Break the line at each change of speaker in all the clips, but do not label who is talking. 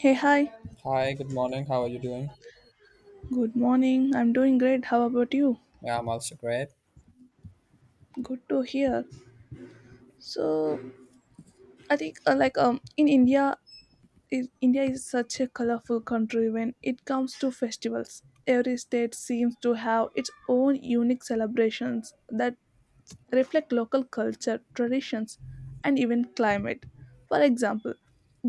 Hey, hi.
Hi, good morning. How are you doing?
Good morning. I'm doing great. How about you?
Yeah, I'm also great.
Good to hear. So, I think like in India, I India is such a colorful country when it comes to festivals. Every state seems to have its own unique celebrations that events reflect local culture, traditions, and even climate. For example,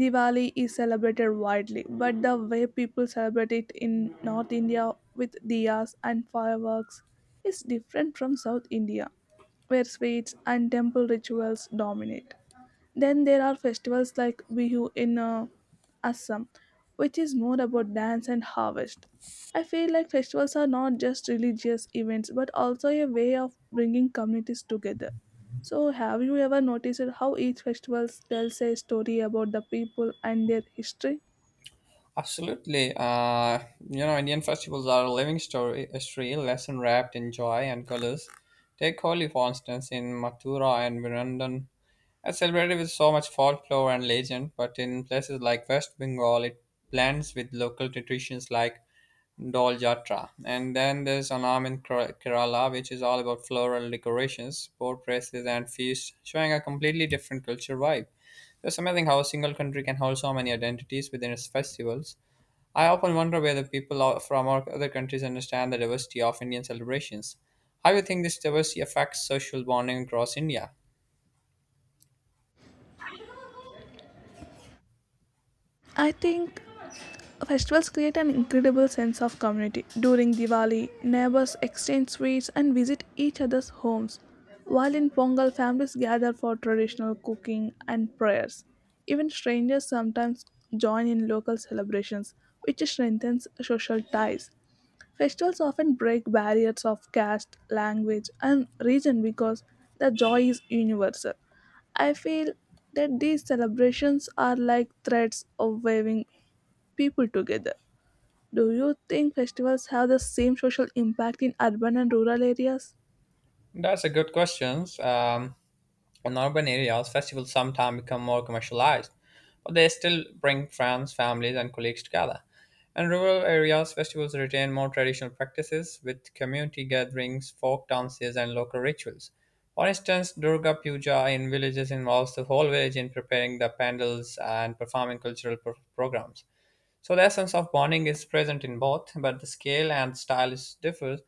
Diwali is celebrated widely, but the way people celebrate it in North India with diyas and fireworks is different from South India, where sweets and temple rituals dominate. Then there are festivals like Bihu in Assam, which is more about dance and harvest. I feel like festivals are not just religious events but also a way of bringing communities together. So, have you ever noticed how each festival tells a story about the people and their history?
Absolutely. Indian festivals are a living story, history, lesson wrapped in joy and colors. Take Holi, for instance, in Mathura and Virundan. It's celebrated with so much folklore and legend, but in places like West Bengal, it blends with local traditions like Dol Jatra. And then there's Anam in Kerala, which is all about floral decorations, boat races, and feasts, showing a completely different culture vibe. It's amazing how a single country can hold so many identities within its festivals. I often wonder whether people from our other countries understand the diversity of Indian celebrations. How do you think this diversity affects social bonding across India?
I think festivals create an incredible sense of community. During Diwali, neighbors exchange sweets and visit each other's homes, while in Pongal, families gather for traditional cooking and prayers. Even strangers sometimes join in local celebrations, which strengthens social ties. Festivals often break barriers of caste, language, and region because the joy is universal. I feel that these celebrations are like threads of waving people together. Do you think festivals have the same social impact in urban and rural areas?
That's a good question. In urban areas, festivals sometimes become more commercialized, but they still bring friends, families, and colleagues together. In rural areas, festivals retain more traditional practices with community gatherings, folk dances, and local rituals. For instance, Durga Puja in villages involves the whole village in preparing the pandals and performing programs. So the essence of bonding is present in both, but the scale and style is differs.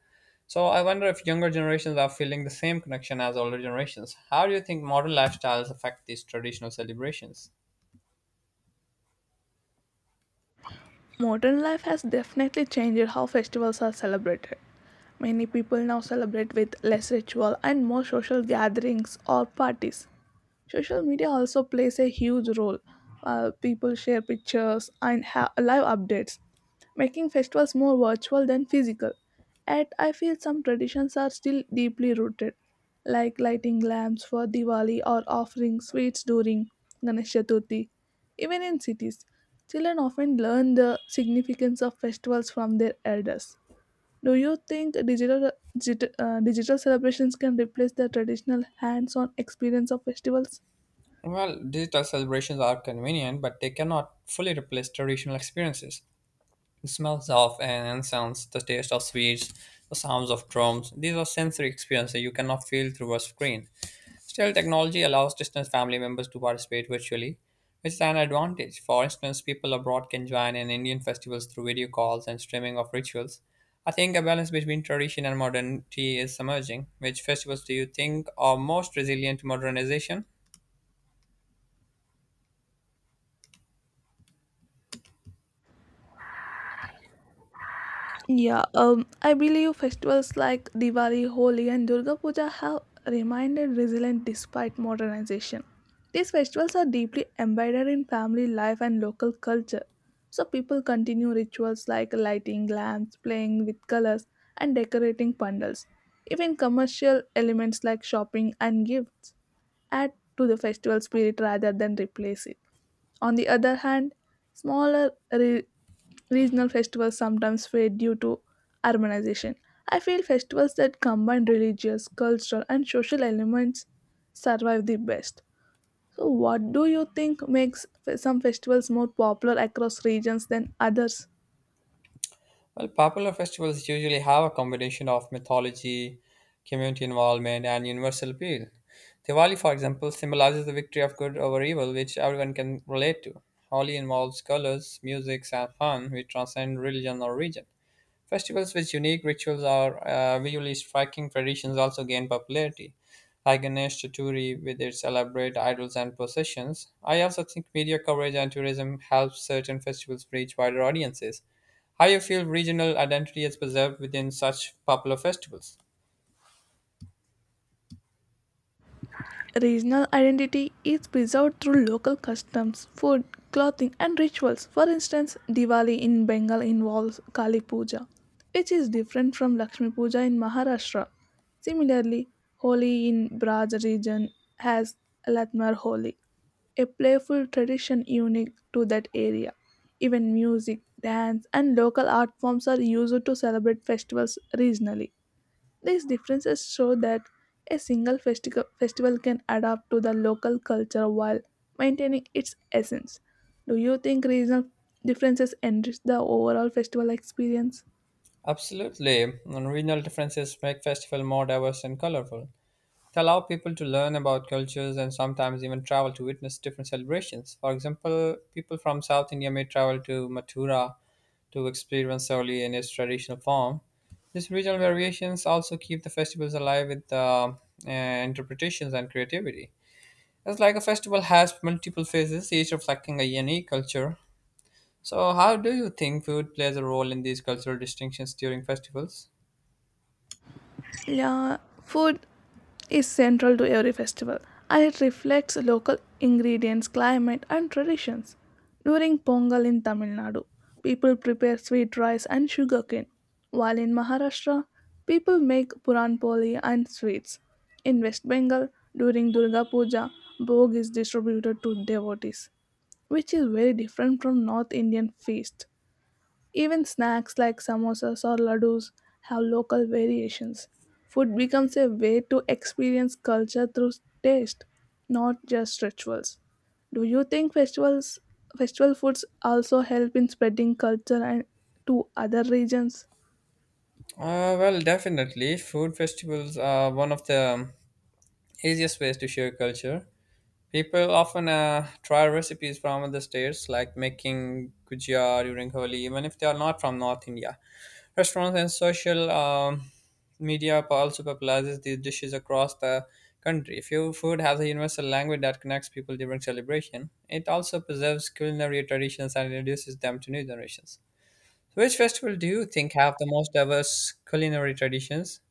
So I wonder if younger generations are feeling the same connection as older generations. How do you think modern lifestyles affect these traditional celebrations?
Modern life has definitely changed how festivals are celebrated. Many people now celebrate with less ritual and more social gatherings or parties. Social media also plays a huge role. People share pictures and have live updates, making festivals more virtual than physical. Yet, I feel some traditions are still deeply rooted, like lighting lamps for Diwali or offering sweets during Ganesh Chaturthi. Even in cities, children often learn the significance of festivals from their elders. Do you think digital celebrations can replace the traditional hands on experience of festivals?
Well, digital celebrations are convenient, but they cannot fully replace traditional experiences. The smells of an incense, the taste of sweets, the sounds of drums, these are sensory experiences you cannot feel through a screen. Still, technology allows distant family members to participate virtually, which is an advantage. For instance, people abroad can join in Indian festivals through video calls and streaming of rituals. I think a balance between tradition and modernity is emerging. Which festivals do you think are most resilient to modernization?
Yeah, I believe festivals like Diwali, Holi, and Durga Puja have remained resilient despite modernization. These festivals are deeply embedded in family life and local culture, so people continue rituals like lighting lamps, playing with colors, and decorating pandals. Even commercial elements like shopping and gifts add to the festival spirit rather than replace it. On the other hand, smaller re- regional festivals sometimes fade due to urbanization. I feel festivals that combine religious, cultural, and social elements survive the best. So, what do you think makes some festivals more popular across regions than others?
Well, popular festivals usually have a combination of mythology, community involvement, and universal appeal. Diwali, for example, symbolizes the victory of good over evil, which everyone can relate to. Holi involves colors, music, and fun, which transcend religion or region. Festivals with unique rituals or visually striking traditions also gain popularity, like Ganesh Chaturthi with its elaborate idols and processions. I also think media coverage and tourism helps certain festivals reach wider audiences. How you feel regional identity is preserved within such popular festivals?
Regional identity is preserved through local customs, food, clothing, and rituals. For instance, Diwali in Bengal involves Kali Puja, which is different from Lakshmi Puja in Maharashtra. Similarly, Holi in Braj region has Latmar Holi, a playful tradition unique to that area. Even music, dance, and local art forms are used to celebrate festivals regionally. These differences show that a single festival can adapt to the local culture while maintaining its essence. Do you think regional differences enrich the overall festival experience?
Absolutely, and regional differences make festival more diverse and colorful. They allow people to learn about cultures and sometimes even travel to witness different celebrations. For example, people from South India may travel to Mathura to experience Holi in its traditional form. These regional variations also keep the festivals alive with interpretations and creativity. It's like a festival has multiple phases, each reflecting a unique culture. So, how do you think food plays a role in these cultural distinctions during festivals?
Yeah, food is central to every festival and it reflects local ingredients, climate, and traditions. During Pongal in Tamil Nadu, people prepare sweet rice and sugarcane, while in Maharashtra, people make puran poli and sweets. In West Bengal, during Durga Puja, bhog is distributed to devotees, which is very different from North Indian feast. Even snacks like samosas or ladoos have local variations. Food becomes a way to experience culture through taste, not just rituals. Do you think festival foods also help in spreading culture and to other regions?
Well, definitely. Food festivals are one of the easiest ways to share culture. People often try recipes from other states, like making gujia during Holi, even if they are not from North India. Restaurants and social media also popularizes these dishes across the country. If your food has a universal language that connects people during celebration, it also preserves culinary traditions and introduces them to new generations. So which festival do you think have the most diverse culinary traditions?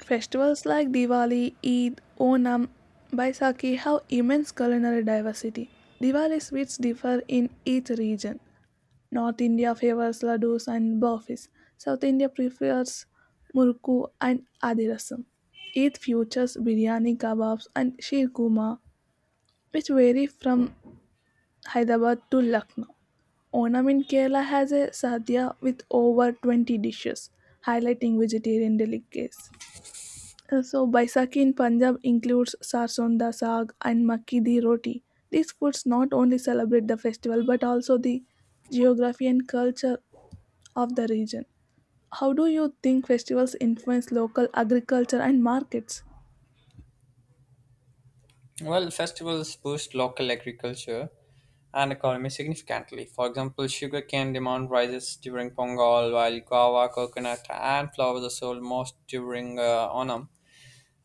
Festivals like Diwali, Eid, Onam, Baisakhi have immense culinary diversity. Diwali sweets differ in each region, North India favors laddus and burfis. South India prefers murku and adirasam. Eid features biryani kebabs and shirkuma, which vary from Hyderabad to Lucknow. Onam in Kerala has a sadhya with over 20 dishes, highlighting vegetarian delicacies. So, Baisakhi in Punjab includes sarson da saag and makki di roti. These foods not only celebrate the festival but also the geography and culture of the region. How do you think festivals influence local agriculture and markets?
Well, festivals boost local agriculture and economy significantly. For example, sugarcane demand rises during Pongal, while guava, coconut, and flowers are sold most during Onam.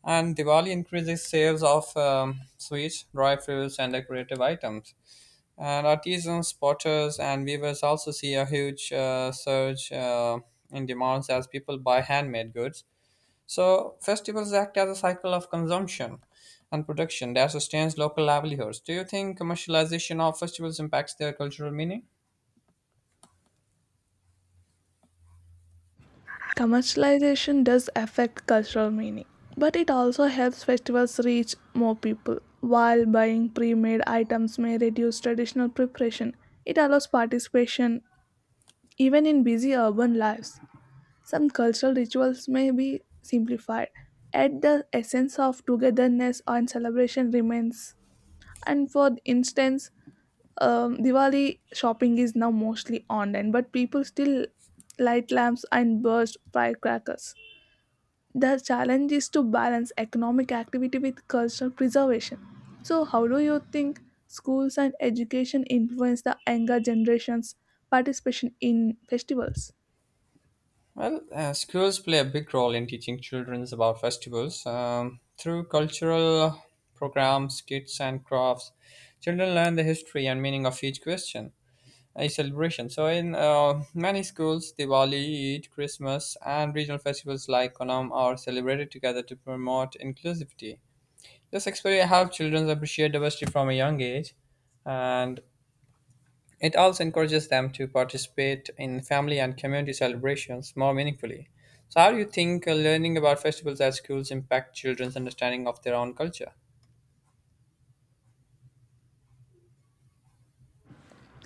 And Diwali increases sales of sweets, dry fruits, and decorative items. And artisans, potters, and weavers also see a huge surge in demands as people buy handmade goods. So festivals act as a cycle of consumption and production that sustains local livelihoods. Do you think commercialization of festivals impacts their cultural meaning?
Commercialization does affect cultural meaning, but it also helps festivals reach more people. While buying pre made items may reduce traditional preparation, it allows participation even in busy urban lives. Some cultural rituals may be simplified, yet the essence of togetherness and celebration remains. And for instance, Diwali shopping is now mostly online, but people still light lamps and burst firecrackers. The challenge is to balance economic activity with cultural preservation. So, how do you think schools and education influence the younger generation's participation in festivals?
Well, schools play a big role in teaching children about festivals. Through cultural programs, kits, and crafts, children learn the history and meaning of each question, a celebration. So, in many schools, Diwali, Eid, Christmas, and regional festivals like Onam are celebrated together to promote inclusivity. This experience helps children appreciate diversity from a young age, and it also encourages them to participate in family and community celebrations more meaningfully. So, how do you think learning about festivals at schools impact children's understanding of their own culture?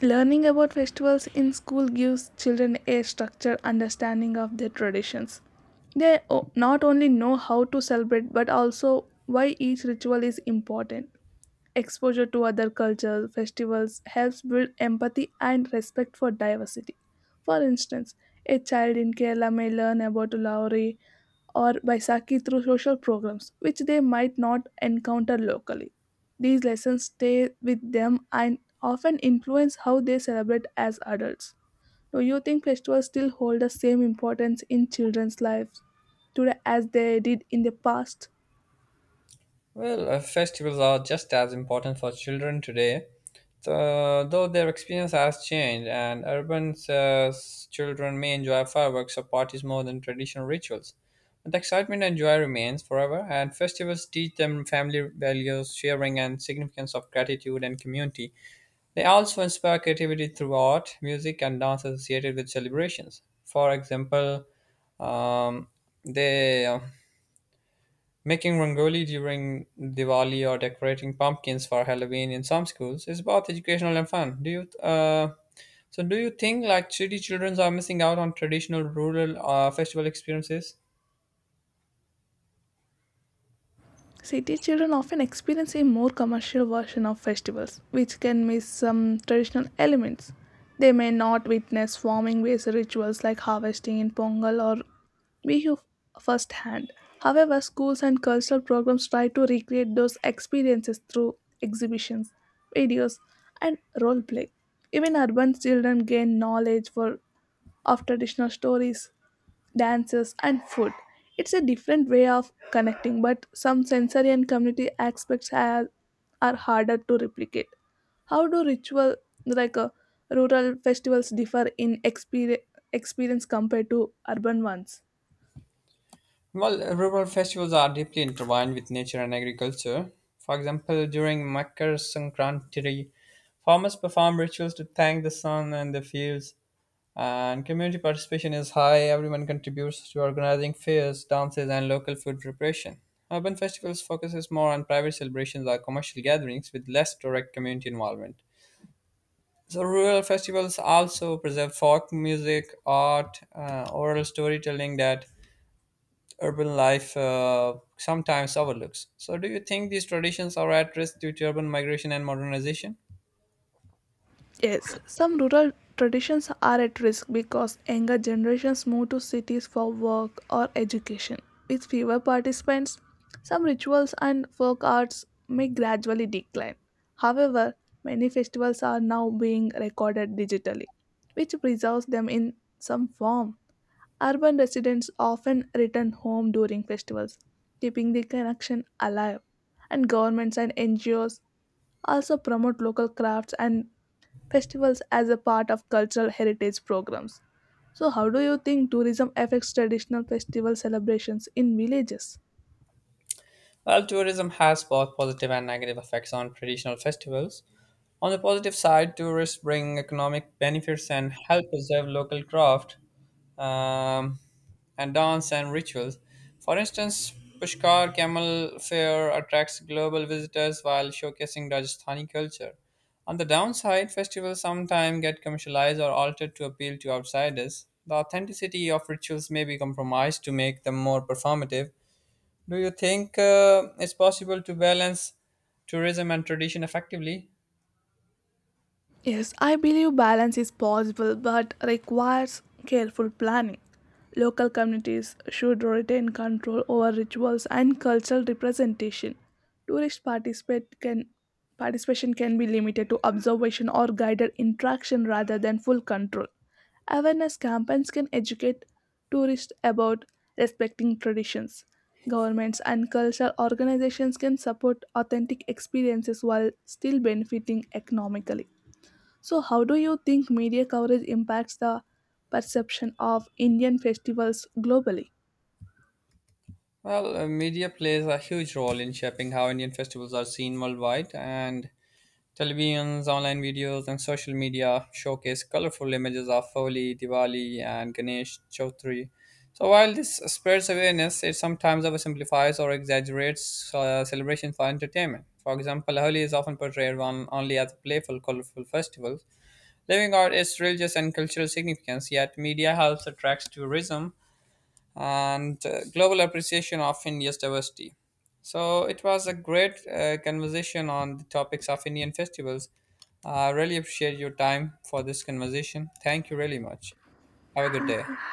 Learning about festivals in school gives children a structured understanding of their traditions. They not only know how to celebrate but also why each ritual is important. Exposure to other cultures, festivals helps build empathy and respect for diversity. For instance, a child in Kerala may learn about Lauri or Baisakhi through social programs, which they might not encounter locally. These lessons stay with them and often influence how they celebrate as adults. Do you think festivals still hold the same importance in children's lives today as they did in the past?
Well, festivals are just as important for children today, so, though their experience has changed, and urban children may enjoy fireworks or parties more than traditional rituals. But the excitement and joy remains forever, and festivals teach them family values, sharing, and significance of gratitude and community. They also inspire creativity through art, music, and dance associated with celebrations. For example, um, they making rangoli during Diwali or decorating pumpkins for Halloween in some schools is both educational and fun. Do you so do you think like city children are missing out on traditional rural festival experiences?
City children often experience a more commercial version of festivals, which can miss some traditional elements. They may not witness farming based rituals like harvesting in Pongal or Bihu firsthand. However, schools and cultural programs try to recreate those experiences through exhibitions, videos, and role play. Even urban children gain knowledge of traditional stories, dances, and food. It's a different way of connecting, but some sensory and community aspects are harder to replicate. How do ritual like rural festivals differ in experience compared to urban ones?
Well, rural festivals are deeply intertwined with nature and agriculture. For example, during Makar Sankranti, farmers perform rituals to thank the sun and the fields, and community participation is high. Everyone contributes to organizing fairs, dances, and local food preparation. Urban festivals focuses more on private celebrations or commercial gatherings with less direct community involvement. So rural festivals also preserve folk music, art, oral storytelling that urban life sometimes overlooks. So do you think these traditions are at risk due to urban migration and modernization?
Yes, some rural traditions are at risk because younger generations move to cities for work or education. With fewer participants, some rituals and folk arts may gradually decline. However, many festivals are now being recorded digitally, which preserves them in some form. Urban residents often return home during festivals, keeping the connection alive. And governments and NGOs also promote local crafts and festivals as a part of cultural heritage programs. So, how do you think tourism affects traditional festival celebrations in villages?
While tourism has both positive and negative effects on traditional festivals, on the positive side, tourists bring economic benefits and help preserve local craft um, and dance and rituals. For instance, Pushkar Camel Fair attracts global visitors while showcasing Rajasthani culture. On the downside, festivals sometimes get commercialized or altered to appeal to outsiders. The authenticity of rituals may be compromised to make them more performative, do you think it's possible to balance tourism and tradition effectively?
Yes, I believe balance is possible but requires careful planning. Local communities should retain control over rituals and cultural representation. Tourist participate can, participation can be limited to observation or guided interaction rather than full control. Awareness campaigns can educate tourists about respecting traditions. Governments and cultural organizations can support authentic experiences while still benefiting economically. So, how do you think media coverage impacts the perception of Indian festivals globally?
Well, media plays a huge role in shaping how Indian festivals are seen worldwide, and televisions, online videos, and social media showcase colorful images of Holi, Diwali, and Ganesh Chaudhary. So while this spreads awareness, it sometimes oversimplifies or exaggerates celebration for entertainment. For example, Holi is often portrayed on, only as a playful, colorful festival, leaving out its religious and cultural significance. Yet, media helps attract tourism and global appreciation of India's diversity. So it was a great conversation on the topics of Indian festivals. I really appreciate your time for this conversation. Thank you really much. Have a good
Thank you.
day.